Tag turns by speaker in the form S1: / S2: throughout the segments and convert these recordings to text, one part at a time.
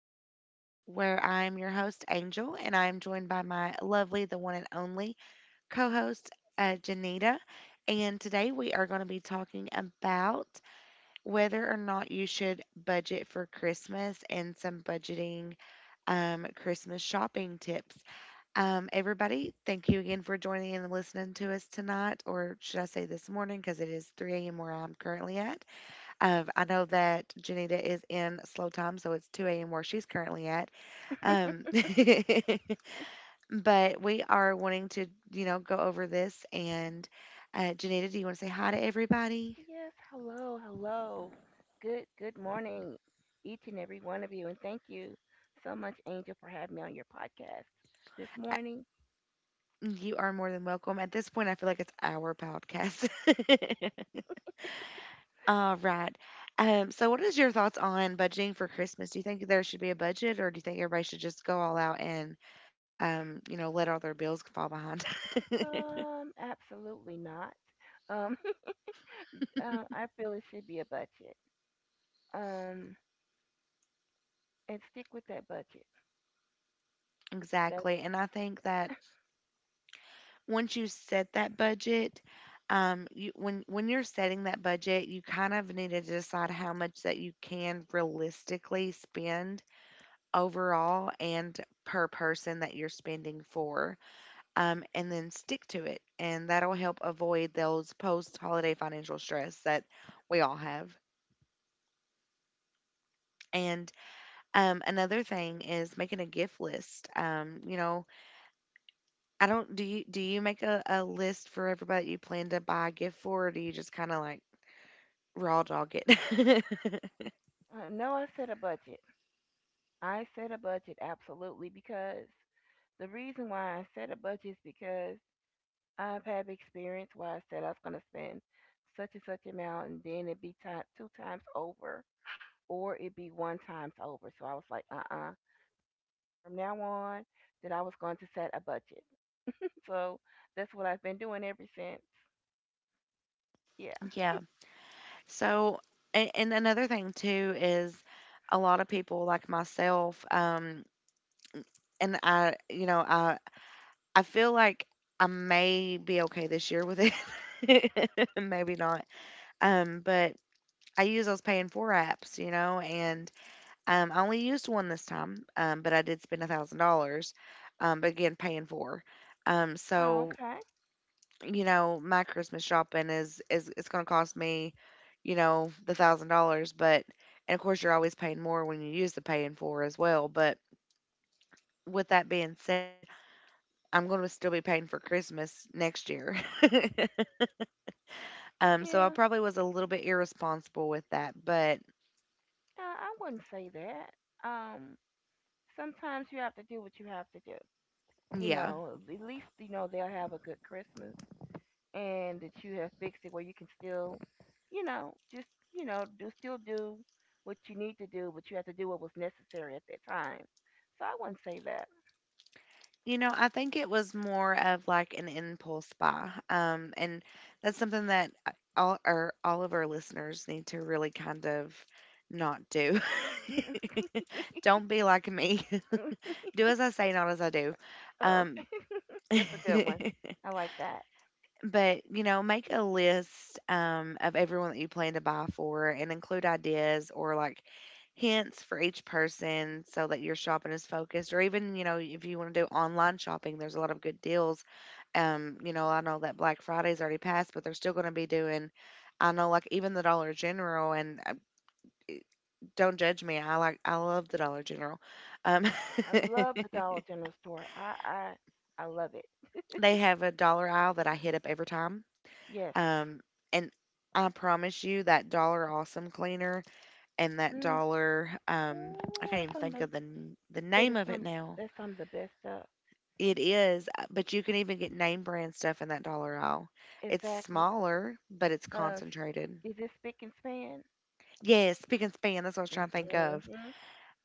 S1: Podcast, where I'm your host, Angel, and I'm joined by my lovely, the one and only co host, Janita. And today we are going to be talking about whether or not you should budget for Christmas and some budgeting Christmas shopping tips. Everybody, thank you again for joining in and listening to us tonight, or should I say this morning, because it is 3 a.m. where I'm currently at. I know that Janita is in slow time, so it's 2 a.m. where she's currently at. Um, but we are wanting to, you know, go over this. And Janita, do you want to say hi to everybody?
S2: Yes, hello, hello. Good morning, each and every one of you, and thank you so much, Angel, for having me on your podcast this
S1: Uh,
S2: morning.
S1: You are more than welcome. At this point, I feel like it's our podcast. All right. So, what is your thoughts on budgeting for Christmas? Do you think there should be a budget, or do you think everybody should just go all out and, let all their bills fall behind?
S2: Absolutely not. Um, I feel it should be a budget. Um, and stick with that budget. That's
S1: Exactly. And I think that once you set that budget, you, when you're setting that budget, you kind of need to decide how much that you can realistically spend overall and per person that you're spending for, and then stick to it, and that'll help avoid those post-holiday financial stress that we all have. And another thing is making a gift list. You know, I don't. Do you make a list for everybody you plan to buy a gift for, or do you just kind of like raw dog it.
S2: no, I said a budget. I said a budget, absolutely, because the reason why I said a budget is because I've had experience where I said I was going to spend such and such amount, and then it'd be time, two times over, or it'd be one times over. So I was like, uh. From now on, that I was going to set a budget. So that's what I've been doing ever since. Yeah.
S1: Yeah. So, and another thing too is a lot of people like myself, and I, you know, I feel like I may be okay this year with it. Maybe not. But I use those pay and for apps, you know, and I only used one this time, but I did spend $1,000. But again, paying for.
S2: Oh,
S1: So
S2: okay.
S1: you know, my Christmas shopping is it's going to cost me, you know, the 1,000 dollars. But and of course, you're always paying more when you use the paying for as well. But with that being said, I'm going to still be paying for Christmas next year. So I
S2: Yeah.
S1: probably was a little bit irresponsible with that, but
S2: I wouldn't say that. Um, sometimes you have to do what you have to do. You
S1: yeah.
S2: know, at least, you know, they'll have a good Christmas. And that you have fixed it where you can still, just do still do what you need to do, but you have to do what was necessary at that time. So I wouldn't say that.
S1: You know, I think it was more of like an impulse buy. And that's something that I- all our all of our listeners need to really kind of not do. Don't be like me. Do as I say, not as I do.
S2: Oh,
S1: Um,
S2: okay. That's a good one. I like that.
S1: but you know, make a list of everyone that you plan to buy for, and include ideas or like hints for each person so that your shopping is focused, or even, you know, if you want to do online shopping, there's a lot of good deals. You know, I know that Black Friday's already passed, but they're still going to be doing. I know, like, even the Dollar General and don't judge me, I like, I love the Dollar General. um
S2: I love the Dollar General store. I love it.
S1: they have a dollar aisle that I hit up every time.
S2: Yes.
S1: um and I promise you that dollar Awesome cleaner and that
S2: Mm.
S1: dollar I
S2: Ooh,
S1: can't
S2: that's
S1: even
S2: some of
S1: think
S2: the,
S1: of the the
S2: that
S1: name
S2: is
S1: of it
S2: some
S1: now.
S2: that's some of the best stuff.
S1: It is, but you can even get name brand stuff in that dollar aisle. It's
S2: Exactly.
S1: smaller, but it's
S2: Uh,
S1: concentrated.
S2: is it spick and span?
S1: Yes, Spick and Span. That's what I was trying to think of.
S2: Mm-hmm.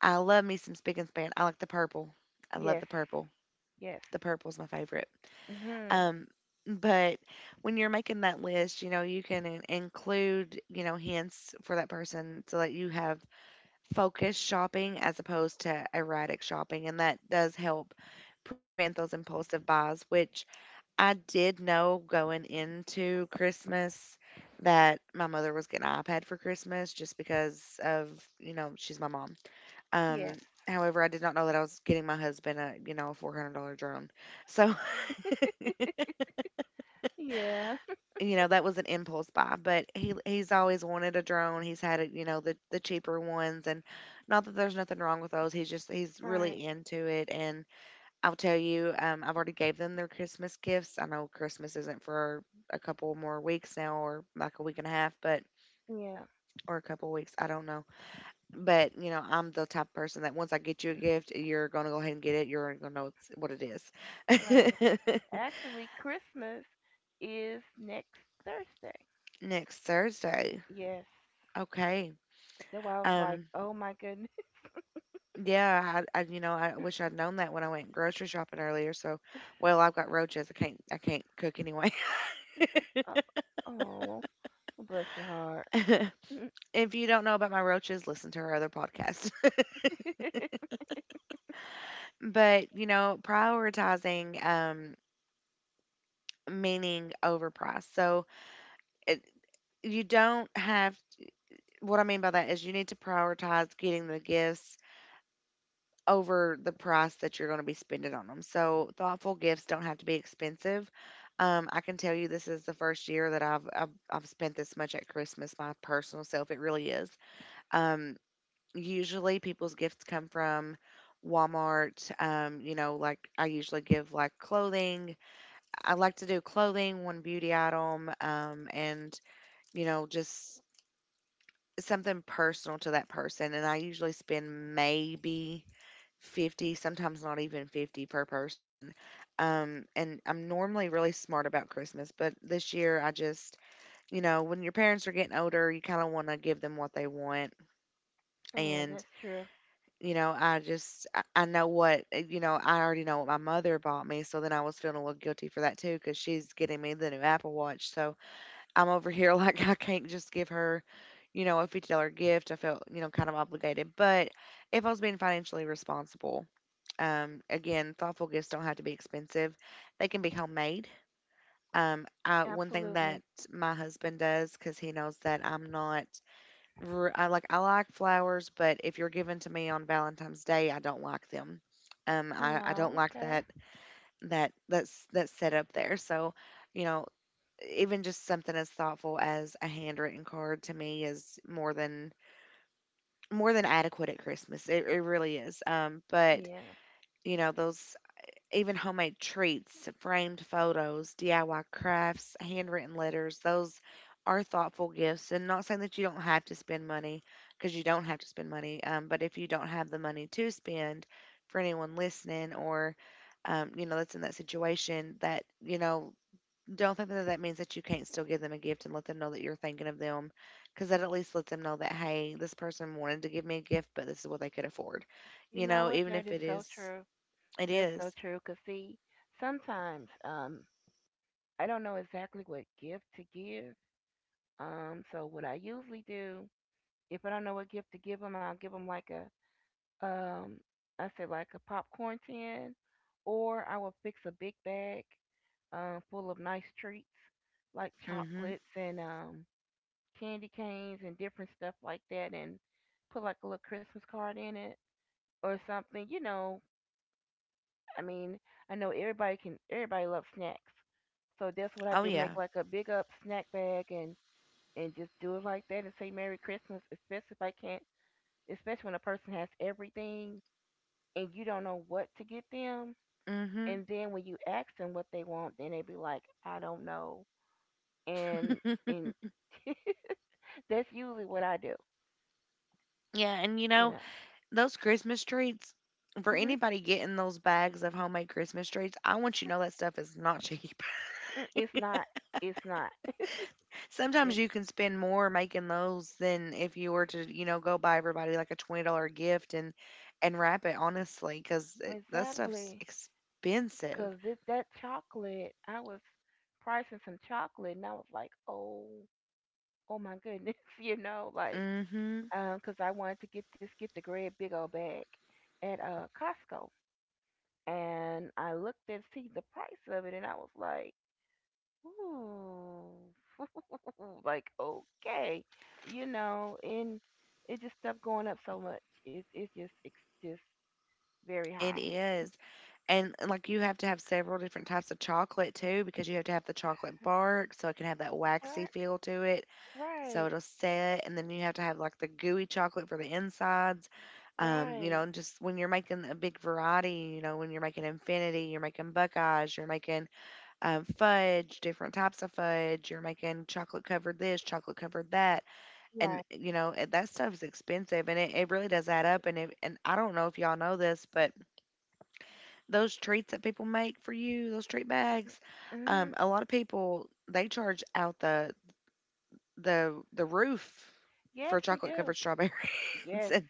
S1: I love me some Spick and Span. I like the purple. I love
S2: Yes.
S1: the purple.
S2: Yes.
S1: The purple's my favorite.
S2: Hmm.
S1: Um, but when you're making that list, you know, you can include, you know, hints for that person so that you have focused shopping as opposed to erratic shopping. And that does help prevent those impulsive buys, which I did know going into Christmas that my mother was getting an iPad for Christmas just because of, you know, she's my mom. Um,
S2: Yes.
S1: however, I did not know that I was getting my husband a, you know, a $400 drone. So,
S2: Yeah.
S1: you know, that was an impulse buy, but he's always wanted a drone. He's had it, you know, the cheaper ones, and not that there's nothing wrong with those. He's
S2: Right.
S1: really into it. And I'll tell you, I've already gave them their Christmas gifts. I know Christmas isn't for a couple more weeks now, or like a week and a half, but
S2: Yeah.
S1: or a couple weeks. I don't know. But you know, I'm the type of person that once I get you a gift, you're gonna go ahead and get it. You're already gonna know it's, what it is.
S2: Right. Actually, Christmas is next Thursday.
S1: Next Thursday.
S2: Yes.
S1: Okay.
S2: That's why I was like,
S1: Um.
S2: oh my goodness.
S1: Yeah. I. You know. I wish I'd known that when I went grocery shopping earlier. So, well, I've got roaches. I can't. I can't cook anyway.
S2: Oh, oh, bless your heart.
S1: If you don't know about my roaches, listen to her other podcast.
S2: Yeah,
S1: But you know, prioritizing meaning over price. So it, you don't have. What I mean by that is you need to prioritize getting the gifts over the price that you're going to be spending on them. So thoughtful gifts don't have to be expensive. I can tell you, this is the first year that I've spent this much at Christmas my personal self. It really is. um, Usually people's gifts come from Walmart. You know, like I usually give like clothing. I like to do clothing, one beauty item, and you know, just something personal to that person. And I usually spend maybe 50, sometimes not even 50 per person. And I'm normally really smart about Christmas, but this year I just, you know, when your parents are getting older, you kind of want to give them what they want.
S2: that's
S1: And,
S2: true.
S1: you know, I know what, you know, I already know what my mother bought me. So then I was feeling a little guilty for that too, because she's getting me the new Apple Watch. So, I'm over here like I can't just give her, you know, a $50 gift. I felt, you know, kind of obligated. But if I was being financially responsible, again, thoughtful gifts don't have to be expensive. They can be homemade. One thing
S2: Absolutely.
S1: that my husband does, because he knows that I'm not, I like, I like flowers, but if you're given to me on Valentine's Day, I don't like them. I don't
S2: Oh,
S1: like
S2: okay.
S1: that that's that setup there. So, you know, even just something as thoughtful as a handwritten card to me is more than adequate at Christmas. It really is. But
S2: Yeah.
S1: you know those, even homemade treats, framed photos, DIY crafts, handwritten letters, those are thoughtful gifts. And not saying that you don't have to spend money, because you don't have to spend money. But if you don't have the money to spend, for anyone listening or you know, that's in that situation, that, you know, don't think that that means that you can't still give them a gift and let them know that you're thinking of them, because that at least lets them know that, hey, this person wanted to give me a gift, but this is what they could afford.
S2: You
S1: You
S2: know
S1: know,
S2: what?
S1: even
S2: That
S1: if
S2: is
S1: it
S2: so
S1: is,
S2: true.
S1: it
S2: That's so
S1: is.
S2: true. Because, see, sometimes I don't know exactly what gift to give. So, what I usually do. If I don't know what gift to give them, I'll give them like a um I said like a popcorn tin, or I will fix a big bag full of nice treats like
S1: Mm-hmm.
S2: chocolates and candy canes and different stuff like that, and put like a little Christmas card in it or something. I mean, I know everybody loves snacks, so that's what
S1: Oh,
S2: I do.
S1: yeah.
S2: Make like a big up snack bag and just do it like that and say Merry Christmas, especially if I can't. Especially when a person has everything and you don't know what to get them.
S1: Mm-hmm.
S2: And then when you ask them what they want, then they be like, I don't know. And and that's usually what I do,
S1: Yeah. And, you
S2: you
S1: know,
S2: know.
S1: those Christmas treats, for
S2: hmm
S1: anybody getting those bags of homemade Christmas treats, I want you to know that stuff is not cheap.
S2: It's not. It's not.
S1: Sometimes you
S2: It's
S1: can spend more making those than if you were to, you know, go buy everybody like a $20 gift and wrap it. Honestly, because that stuff's
S2: exactly
S1: expensive.
S2: because this, that chocolate, I was pricing some chocolate, and I was like, oh, oh my goodness, you know, like,
S1: Mhm.
S2: because I wanted to get just get the red big old bag at Costco. And I looked and see the price of it, and I was like, ooh, like, okay, and it just stopped going up so much. It's just very
S1: It
S2: high.
S1: is. And, like, you have to have several different types of chocolate too, because you have to have the chocolate bark so it can have that waxy
S2: Right,
S1: feel to it so
S2: right,
S1: it'll set, and then you have to have like the gooey chocolate for the insides. You
S2: right,
S1: know, and just when you're making a big variety, you know, when you're making infinity, you're making buckeyes, you're making fudge, different types of fudge. You're making chocolate covered this, chocolate covered that, and
S2: right.
S1: you know eh, that stuff's expensive, and it really does add up. And if, and I don't know if y'all know this, but those treats that people make for you, those treat bags,
S2: Mhm.
S1: a lot of people they charge out the the roof
S2: Yes,
S1: for
S2: they
S1: chocolate
S2: do.
S1: covered strawberries
S2: Yes,
S1: and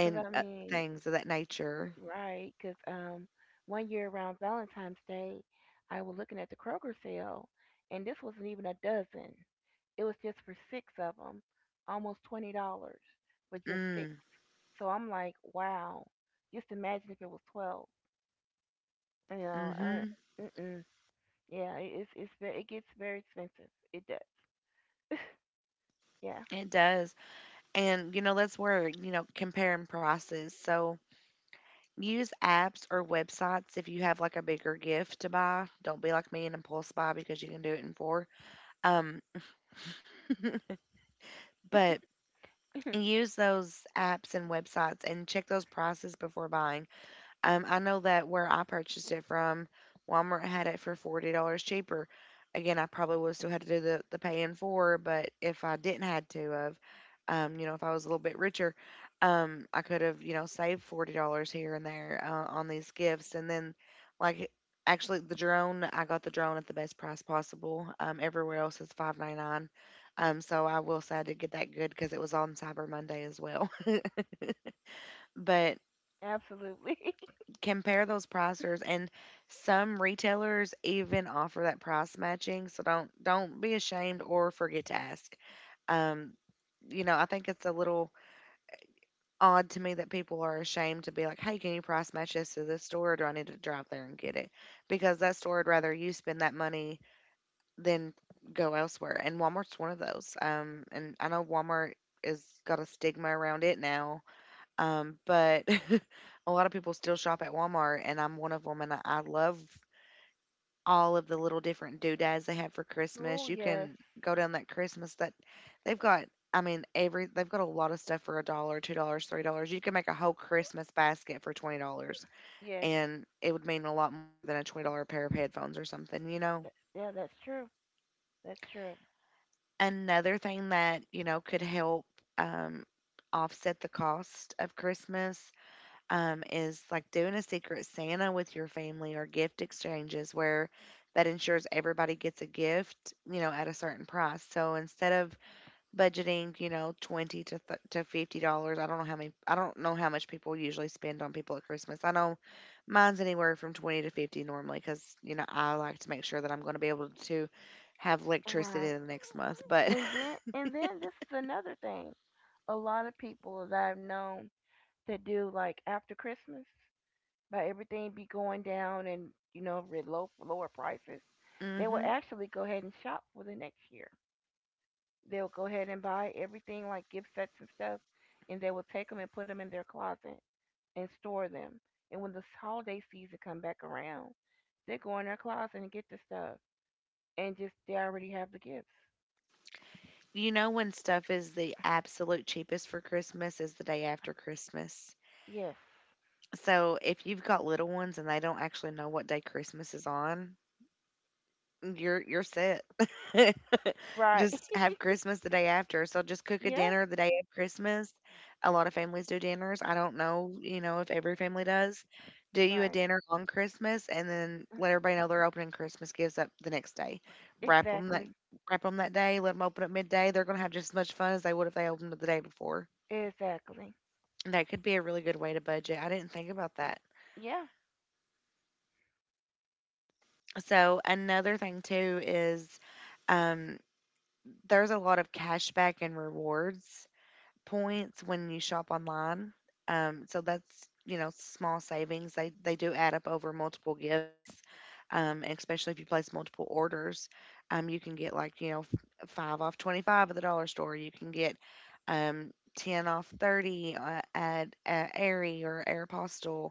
S2: cause I
S1: uh,
S2: mean,
S1: things of that nature.
S2: right, cause one year around Valentine's Day, I was looking at the Kroger sale, and this wasn't even a dozen. It was just for six of them, almost $20 for just six.
S1: Mm,
S2: So I'm like, wow. Just imagine if it was 12. You know,
S1: mhm.
S2: uh, mm-mm. Yeah, it's very. It gets very expensive. It does. Yeah.
S1: It does. And you know, that's where, you know, comparing prices. So use apps or websites if you have like a bigger gift to buy. Don't be like me and impulse buy because you can do it in four. Um, but use those apps and websites and check those prices before buying. I know that where I purchased it from, Walmart had it for $40 cheaper. Again, I probably would have still had to do the pay in four, but if I didn't had to of, if I was a little bit richer, I could have, saved $40 here and there on these gifts. And then, like, actually, I got the drone at the best price possible. Everywhere else is 599. So I will say I did get that good because it was on Cyber Monday as well. But
S2: Absolutely.
S1: compare those pricers, and some retailers even offer that price matching, so don't be ashamed or forget to ask. um I think it's a little odd to me that people are ashamed to be like, hey, can you price match this to this store, or do I need to drive there and get it, because that store would rather you spend that money than go elsewhere. And Walmart's one of those. And I know Walmart is got a stigma around it now. But a lot of people still shop at Walmart, and I'm one of them, and I love all of the little different doodads they have for
S2: Oh
S1: Christmas. You
S2: yes,
S1: can go down that Christmas that they've got. I mean, every they've got a lot of stuff for a dollar, $2, $3. You can make a whole Christmas basket for $20,
S2: yes.
S1: and it would mean a lot more than a $20 pair of headphones or something, you know.
S2: Yeah, that's true. That's true.
S1: Another thing that you know could help um, offset the cost of Christmas is like doing a secret Santa with your family or gift exchanges where that ensures everybody gets a gift, you know, at a certain price. So instead of budgeting, you know, 20 to to $50, I don't know how many, I don't know how much people usually spend on people at Christmas. I know mine's anywhere from 20 to 50 normally because you know I like to make sure that I'm going to be able to have electricity
S2: Right.
S1: in the next month, but.
S2: And then this is another thing. A lot of people that I've known that do like after Christmas, by everything be going down and lower prices, they will
S1: Hmm.
S2: actually go ahead and shop for the next year. They'll go ahead and buy everything like gift sets and stuff, and they will take them and put them in their closet and store them. And when this holiday season come back around, they go in their closet and get the stuff, and just they already have the gifts.
S1: You know when stuff is the absolute cheapest for Christmas is the day after Christmas.
S2: Yes,
S1: So if you've got little ones and they don't actually know what day Christmas is on, you're set.
S2: right.
S1: Just have Christmas the day after. So just cook a
S2: Yeah,
S1: dinner the day of Christmas. A lot of families do dinners. I don't know, you know, if every family does. Do you a
S2: right.
S1: dinner on Christmas, and then let everybody know they're opening Christmas gifts up the next day. Wrap them that
S2: Exactly.
S1: wrap them that day. Let them open up midday. They're gonna have just as much fun as they would if they opened it the day before.
S2: Exactly.
S1: That could be a really good way to budget. I didn't think about that.
S2: Yeah.
S1: So another thing too is um, there's a lot of cashback and rewards points when you shop online. So that's you know small savings. They do add up over multiple gifts, and especially if you place multiple orders. You can get like you know five off 25 at the dollar store. You can get um, ten off 30 at Aerie or Aeropostale.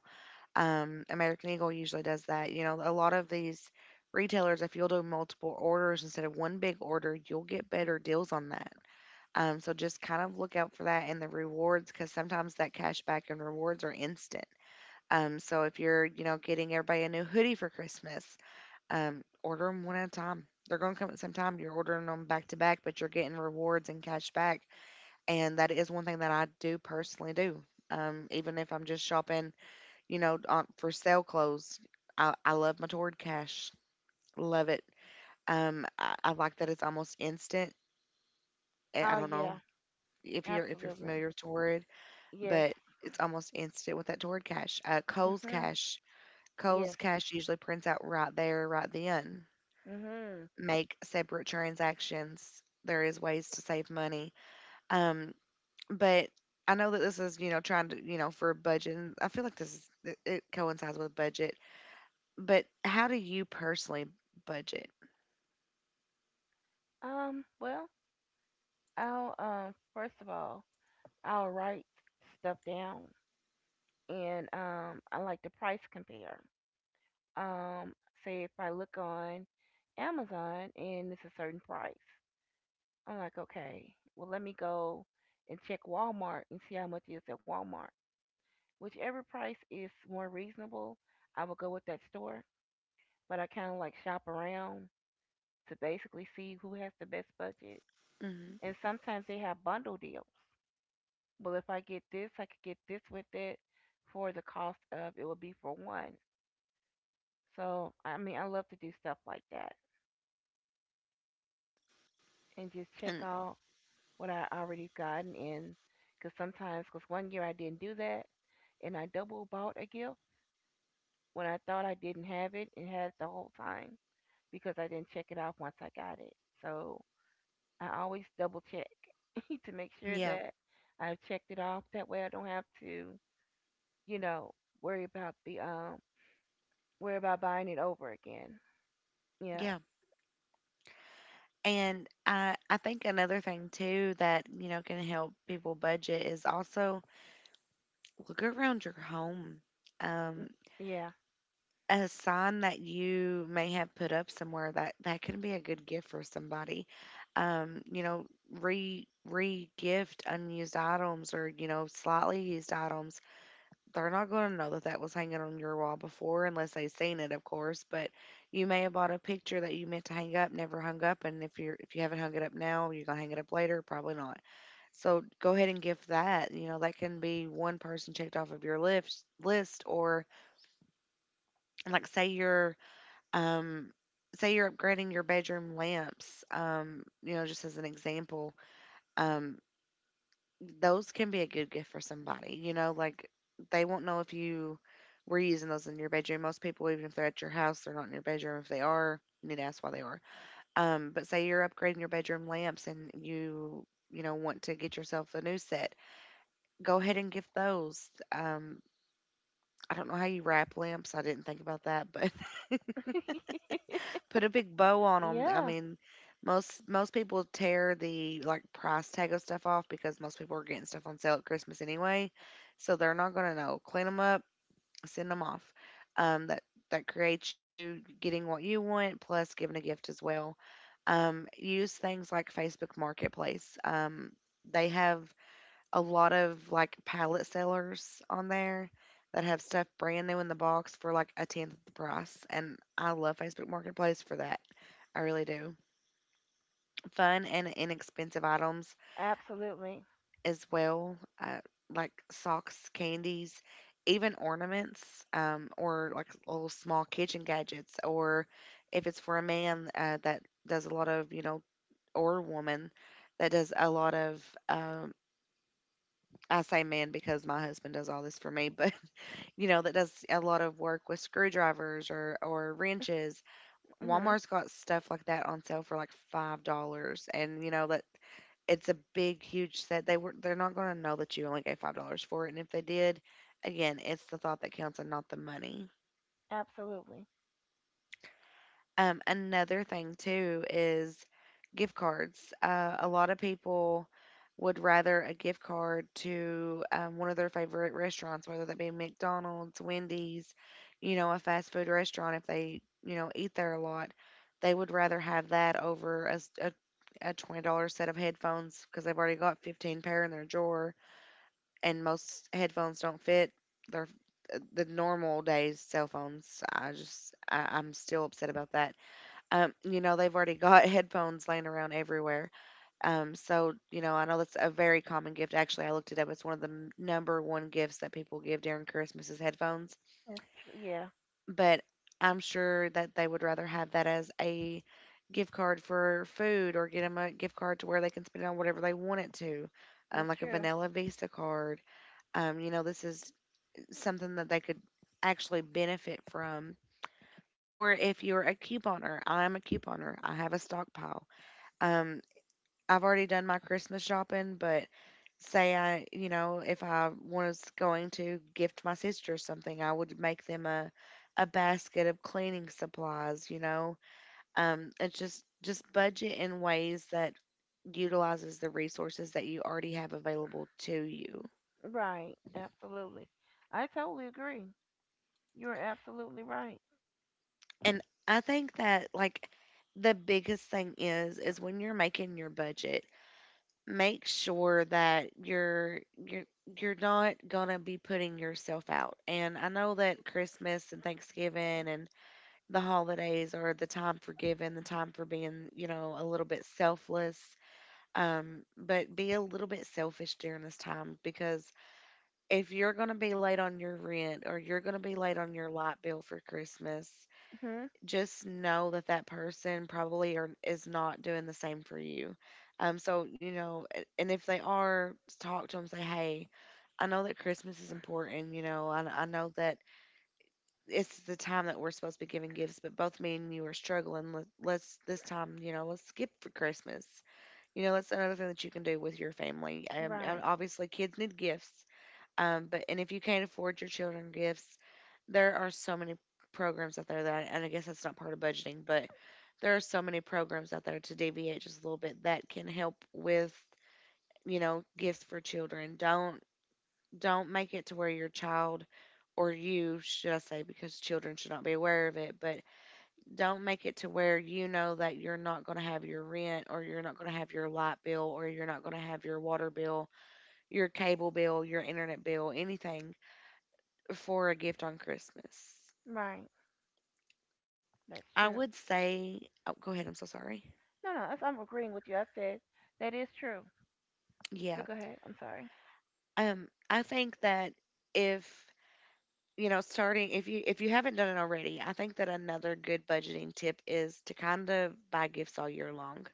S1: American Eagle usually does that. You know, a lot of these retailers, if you'll do multiple orders instead of one big order, you'll get better deals on that. So just kind of look out for that and the rewards because sometimes that cash back and rewards are instant. So if you're, you know, getting everybody a new hoodie for Christmas, order them one at a time. They're going to come at some time. You're ordering them back to back, but you're getting rewards and cash back. And that is one thing that I do personally do. Even if I'm just shopping you know, on for sale clothes. I love my Torrid Cash. Love it. I like that it's almost instant. I
S2: Oh
S1: don't know
S2: yeah.
S1: if you're
S2: Absolutely.
S1: familiar with Torrid,
S2: Yes.
S1: but it's almost instant with that Torrid Cash. Kohl's
S2: Mhm.
S1: Cash. Kohl's
S2: Yes.
S1: Cash usually prints out right there, right then.
S2: Mhm.
S1: Make separate transactions. There is ways to save money. Um, but I know that this is you know trying to you know for a budget. And I feel like this is it coincides with budget. But how do you personally budget?
S2: Well, I'll. First of all, I'll write stuff down, and I like to price compare. Um, say if I look on Amazon and it's a certain price, I'm like, okay, well let me go and check Walmart and see how much it is at Walmart. Whichever price is more reasonable, I will go with that store. But I kind of like shop around to basically see who has the best budget.
S1: Hmm.
S2: And sometimes they have bundle deals. Well, if I get this, I could get this with it for the cost of it would be for one. So, I mean, I love to do stuff like that and just check
S1: And
S2: out what I already gotten in. Because one year I didn't do that and I double bought a gift when I thought I didn't have it and had it the whole time because I didn't check it off once I got it. So, I always double check to make sure
S1: yeah,
S2: that I've checked it off. That way I don't have to you know, worry about the um worry about buying it over again. Yeah.
S1: yeah. And I think another thing too that you know can help people budget is also look around your home.
S2: N-
S1: Um,
S2: Yeah.
S1: a sign that you may have put up somewhere that that could be a good gift for somebody. You know, re gift unused items or you know slightly used items. They're not going to know that that was hanging on your wall before unless they've seen it, of course. But you may have bought a picture that you meant to hang up, never hung up, and if you haven't hung it up now, you're going to hang it up later, probably not. So go ahead and give that, you know, that can be one person checked off of your list or like um say you're upgrading your bedroom lamps you know just as an example. um. Those can be a good gift for somebody. You know, like they won't know if you were using those in your bedroom. Most people, even if they're at your house, they're not in your bedroom. If they are, you need to ask why they are. But say you're upgrading your bedroom lamps, and you know want to get yourself a new set. Go ahead and gift those. I don't know how you wrap lamps. I didn't think about that, but put a big bow on them. I
S2: Yeah.
S1: mean, most people tear the like price tag of stuff off because most people are getting stuff on sale at Christmas anyway, so they're not gonna know. Clean them up, send them off. Um, that that creates you getting what you want plus giving a gift as well. Use things like Facebook Marketplace. They have a lot of, like, pallet sellers on there that have stuff brand new in the box for, like, a 10th of the price, and I love Facebook Marketplace for that. I really do. Fun and inexpensive items
S2: Absolutely.
S1: as well, like socks, candies, even ornaments, or like little small kitchen gadgets, or if it's for a man that does a lot of, you know, or a woman that does a lot of, um, I say man because my husband does all this for me, but you know, that does a lot of work with screwdrivers or wrenches.
S2: Mhm.
S1: Walmart's got stuff like that on sale for like $5, and you know that it's a big, huge set. They're not going to know that you only gave $5 for it, and if they did, again, it's the thought that counts and not the money.
S2: Absolutely.
S1: Another thing too is gift cards. A lot of people would rather a gift card to one of their favorite restaurants, whether that be McDonald's, Wendy's, you know, a fast food restaurant. If they, you know, eat there a lot, they would rather have that over a $20 set of headphones because they've already got 15 pair in their drawer, and most headphones don't fit their the normal days cell phones. I'm still upset about that. You know, they've already got headphones laying around everywhere. You know, I know that's a very common gift. Actually, I looked it up. It's one of the number one gifts that people give during Christmas is headphones.
S2: That's true. Yeah.
S1: But I'm sure that they would rather have that as a gift card for food, or get them a gift card to where they can spend it on whatever they want it to,
S2: That's
S1: like a
S2: true.
S1: Vanilla Vista card. You know, this is something that they could actually benefit from. Or if you're a couponer, I'm a couponer. I have a stockpile. Um, I've already done my Christmas shopping, but say I, you know, if I was going to gift my sister something, I would make them a basket of cleaning supplies, you know. It's just budget in ways that utilizes the resources that you already have available to you.
S2: Right. Absolutely. I totally agree. You're absolutely right.
S1: And I think that the biggest thing is when you're making your budget, make sure that you're not gonna be putting yourself out. And I know that Christmas and Thanksgiving and the holidays are the time for giving, the time for being, you know, a little bit selfless. But be a little bit selfish during this time because if you're gonna be late on your rent or you're gonna be late on your light bill for Christmas,
S2: Mhm.
S1: just know that that person is not doing the same for you. You know, and if they are, talk to them, say, hey, I know that Christmas is important, you know, I know that it's the time that we're supposed to be giving gifts, but both me and you are struggling. Let's, this time, you know, let's skip for Christmas. You know, that's another thing that you can do with your family. And
S2: Right.
S1: obviously, kids need gifts. But and if you can't afford your children gifts, there are so many programs out there that, and I guess that's not part of budgeting, but there are so many programs out there to deviate just a little bit that can help with, you know, gifts for children. Don't make it to where your child or you should I say, because children should not be aware of it, but don't make it to where you know that you're not going to have your rent or you're not going to have your light bill or you're not going to have your water bill, your cable bill, your internet bill, anything for a gift on Christmas.
S2: Right. That's
S1: I
S2: true.
S1: would say, oh, go ahead. I'm so sorry.
S2: No, no, I'm agreeing with you. I said that is true.
S1: Yeah.
S2: But go ahead. I'm sorry.
S1: I think that if you know, starting if you haven't done it already, I think that another good budgeting tip is to kind of buy gifts all year long.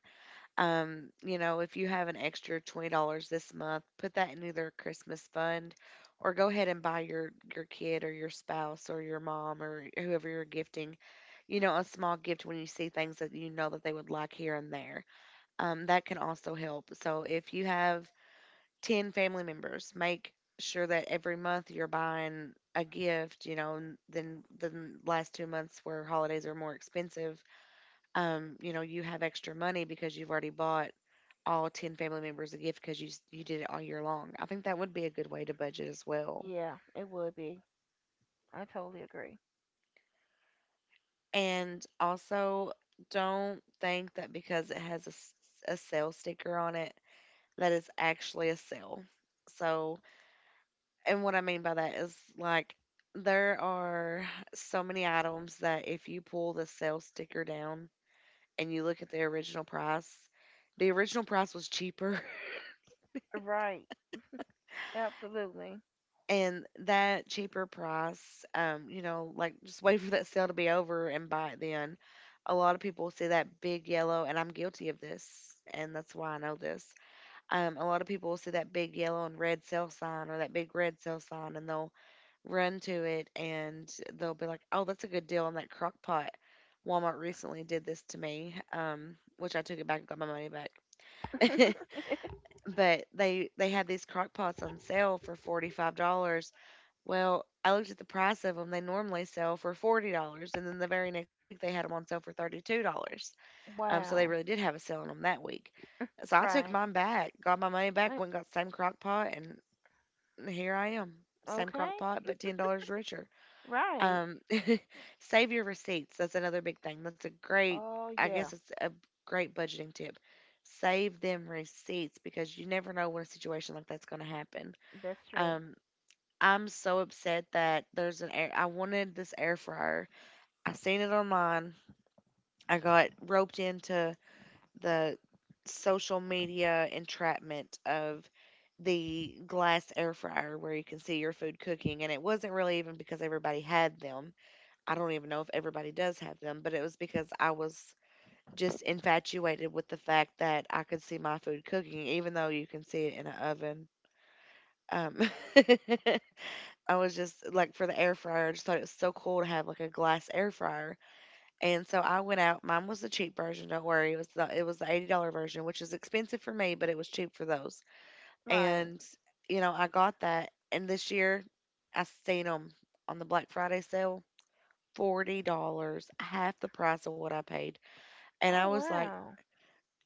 S1: You know, if you have an extra $20 this month, put that in either a Christmas fund or go ahead and buy your kid or your spouse or your mom or whoever you're gifting, you know, a small gift when you see things that you know that they would like here and there. That can also help. So if you have 10 family members, make sure that every month you're buying a gift, you know, and then the last 2 months where holidays are more expensive, you know, you have extra money because you've already bought all 10 family members a gift because you did it all year long. I think that would be a good way to budget as well.
S2: Yeah, it would be. I totally agree.
S1: And also, don't think that because it has a sale sticker on it, that it's actually a sale. So, And what I mean by that is like there are so many items that if you pull the sale sticker down and you look at the original price was cheaper.
S2: Right. Absolutely.
S1: And that cheaper price, you know, like just wait for that sale to be over and buy it then. A lot of people see that big yellow, and I'm guilty of this, and that's why I know this. A lot of people will see that big yellow and red sale sign or that big red sale sign, and they'll run to it and they'll be like, "Oh, that's a good deal on that crock pot." Walmart recently did this to me, which I took it back and got my money back. But they had these crock pots on sale for $45. Well, I looked at the price of them. They normally sell for $40, and then the very next week they had them on sale for $32. So they
S2: Wow.
S1: really did have a sale on them that week. So I took
S2: Right.
S1: mine back, got my money back,
S2: Uh,
S1: went and got the same crock pot, and here I am. Same crock
S2: okay.
S1: pot, but $10 richer.
S2: Right.
S1: Um, Save your receipts. That's another big thing. That's a great,
S2: Oh
S1: I guess
S2: yeah,
S1: it's a great budgeting tip. Save them receipts because you never know when a situation like that's going to happen.
S2: that's true.
S1: Um, I'm so upset that there's an air. I wanted this air fryer. I seen it online. I got roped into the social media entrapment of the glass air fryer where you can see your food cooking. And it wasn't really even because everybody had them. I don't even know if everybody does have them, but it was because I was just infatuated with the fact that I could see my food cooking, even though you can see it in an oven. Um, I was just like, for the air fryer, I just thought it was so cool to have like a glass air fryer. And so I went out. Mine was the cheap version. Don't worry, it was the $80 version, which is expensive for me, but it was cheap for those.
S2: Right.
S1: And you know I got that. And this year, I seen them on the Black Friday sale $40, half the price of what I paid. And I
S2: Oh
S1: was like,
S2: wow.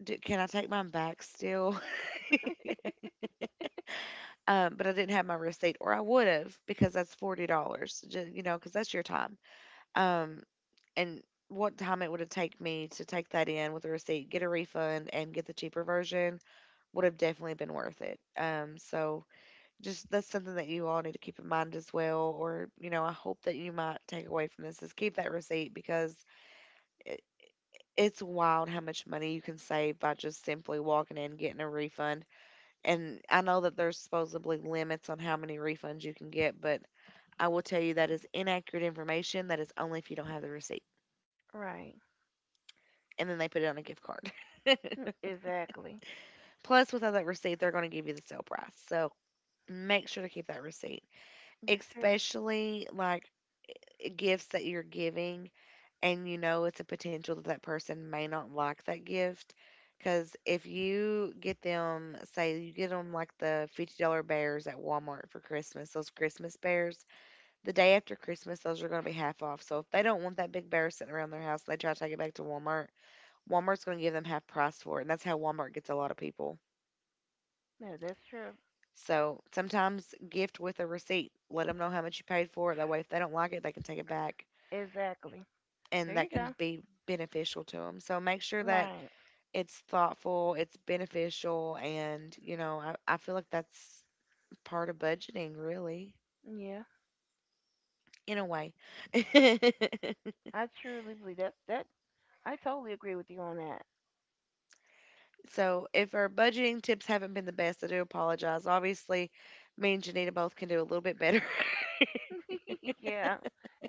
S1: "D- can I take mine back still? But I didn't have my receipt, or I would have, because that's $40, you know, because that's your time. Um, and what time it would have taken me to take that in with a receipt, get a refund, and get the cheaper version would have definitely been worth it. So just that's something that you all need to keep in mind as well. Or you know, I hope that you might take away from this is keep that receipt, because it's wild how much money you can save by just simply walking in and getting a refund. And I know that there's supposedly limits on how many refunds you can get, but I will tell you that is inaccurate information. That is only if you don't have the receipt.
S2: Right.
S1: And then they put it on a gift card.
S2: Mm, exactly.
S1: Plus, without that receipt, they're going to give you the sale price. So make sure to keep that receipt,
S2: That's true.
S1: especially like gifts that you're giving and you know it's a potential that that person may not like that gift, because if you get them, say you get them like the $50 bears at Walmart for Christmas, those Christmas bears, the day after Christmas those are going to be half off. So if they don't want that big bear sitting around their house, they try to take it back to Walmart, Walmart's going to give them half price for it, and that's how Walmart gets a lot of people.
S2: Yeah, that's true.
S1: So sometimes gift with a receipt, let them know how much you paid for it, that way if they don't like it they can take it back
S2: Exactly.
S1: and
S2: There
S1: that
S2: you
S1: can
S2: go.
S1: be beneficial to them. So make sure that
S2: Right.
S1: it's thoughtful, it's beneficial, and you know, I feel like that's part of budgeting, really,
S2: Yeah.
S1: in a way.
S2: I truly believe that I totally agree with you on that.
S1: So if our budgeting tips haven't been the best, I do apologize. Obviously, me and Janita both can do a little bit better.
S2: Yeah.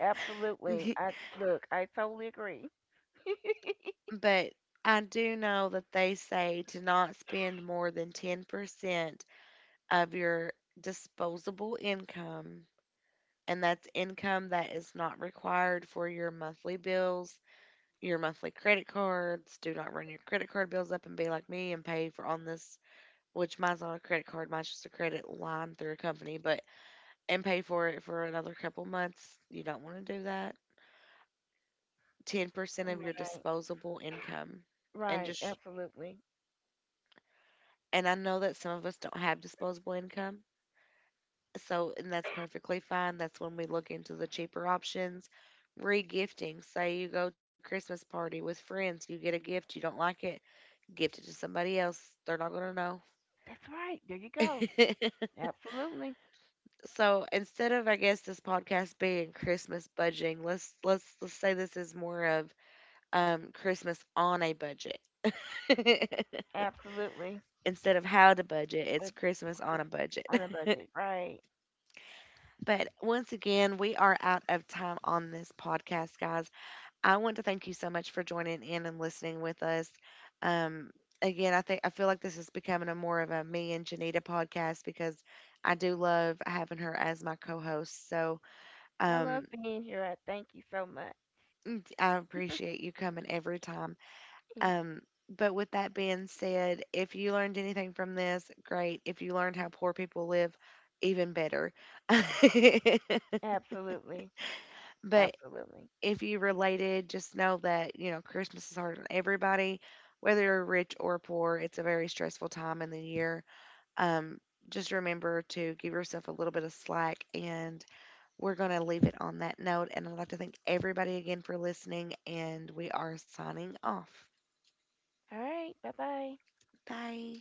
S2: Absolutely. I look, I totally agree.
S1: But I do know that they say to not spend more than 10% of your disposable income, and that's income that is not required for your monthly bills, your monthly credit cards. Do not run your credit card bills up and be like me and pay for on this, which mine's not a credit card, mine's just a credit line through a company, but and pay for it for another couple months. You don't want to do that. 10% of your
S2: Right.
S1: disposable income, and
S2: Right.
S1: just
S2: Absolutely.
S1: and I know that some of us don't have disposable income. So, and that's perfectly fine. That's when we look into the cheaper options. Regifting. Say you go to a Christmas party with friends, you get a gift, you don't like it, gift it to somebody else. They're not going to know.
S2: That's right. There you go. Absolutely.
S1: So instead of I guess this podcast being Christmas budgeting, let's say this is more of Christmas on a budget.
S2: Absolutely.
S1: Instead of how to budget, it's
S2: The
S1: Christmas on
S2: Chris
S1: a budget.
S2: on a budget, right?
S1: But once again, we are out of time on this podcast, guys. I want to thank you so much for joining in and listening with us. Um, Again, I feel like this is becoming a more of a me and Janita podcast because I do love having her as my co-host.
S2: I
S1: Um,
S2: love being here. I thank you so much.
S1: mm, I appreciate you coming every time. Um, but with that being said, if you learned anything from this, great. If you learned how poor people live, even better.
S2: Absolutely.
S1: But
S2: Absolutely.
S1: if you related, just know that, you know, Christmas is hard on everybody, whether you're rich or poor. It's a very stressful time in the year. Um, just remember to give yourself a little bit of slack, and we're going to leave it on that note. And I'd like to thank everybody again for listening, and we are signing off.
S2: All right. Bye bye.
S1: Bye.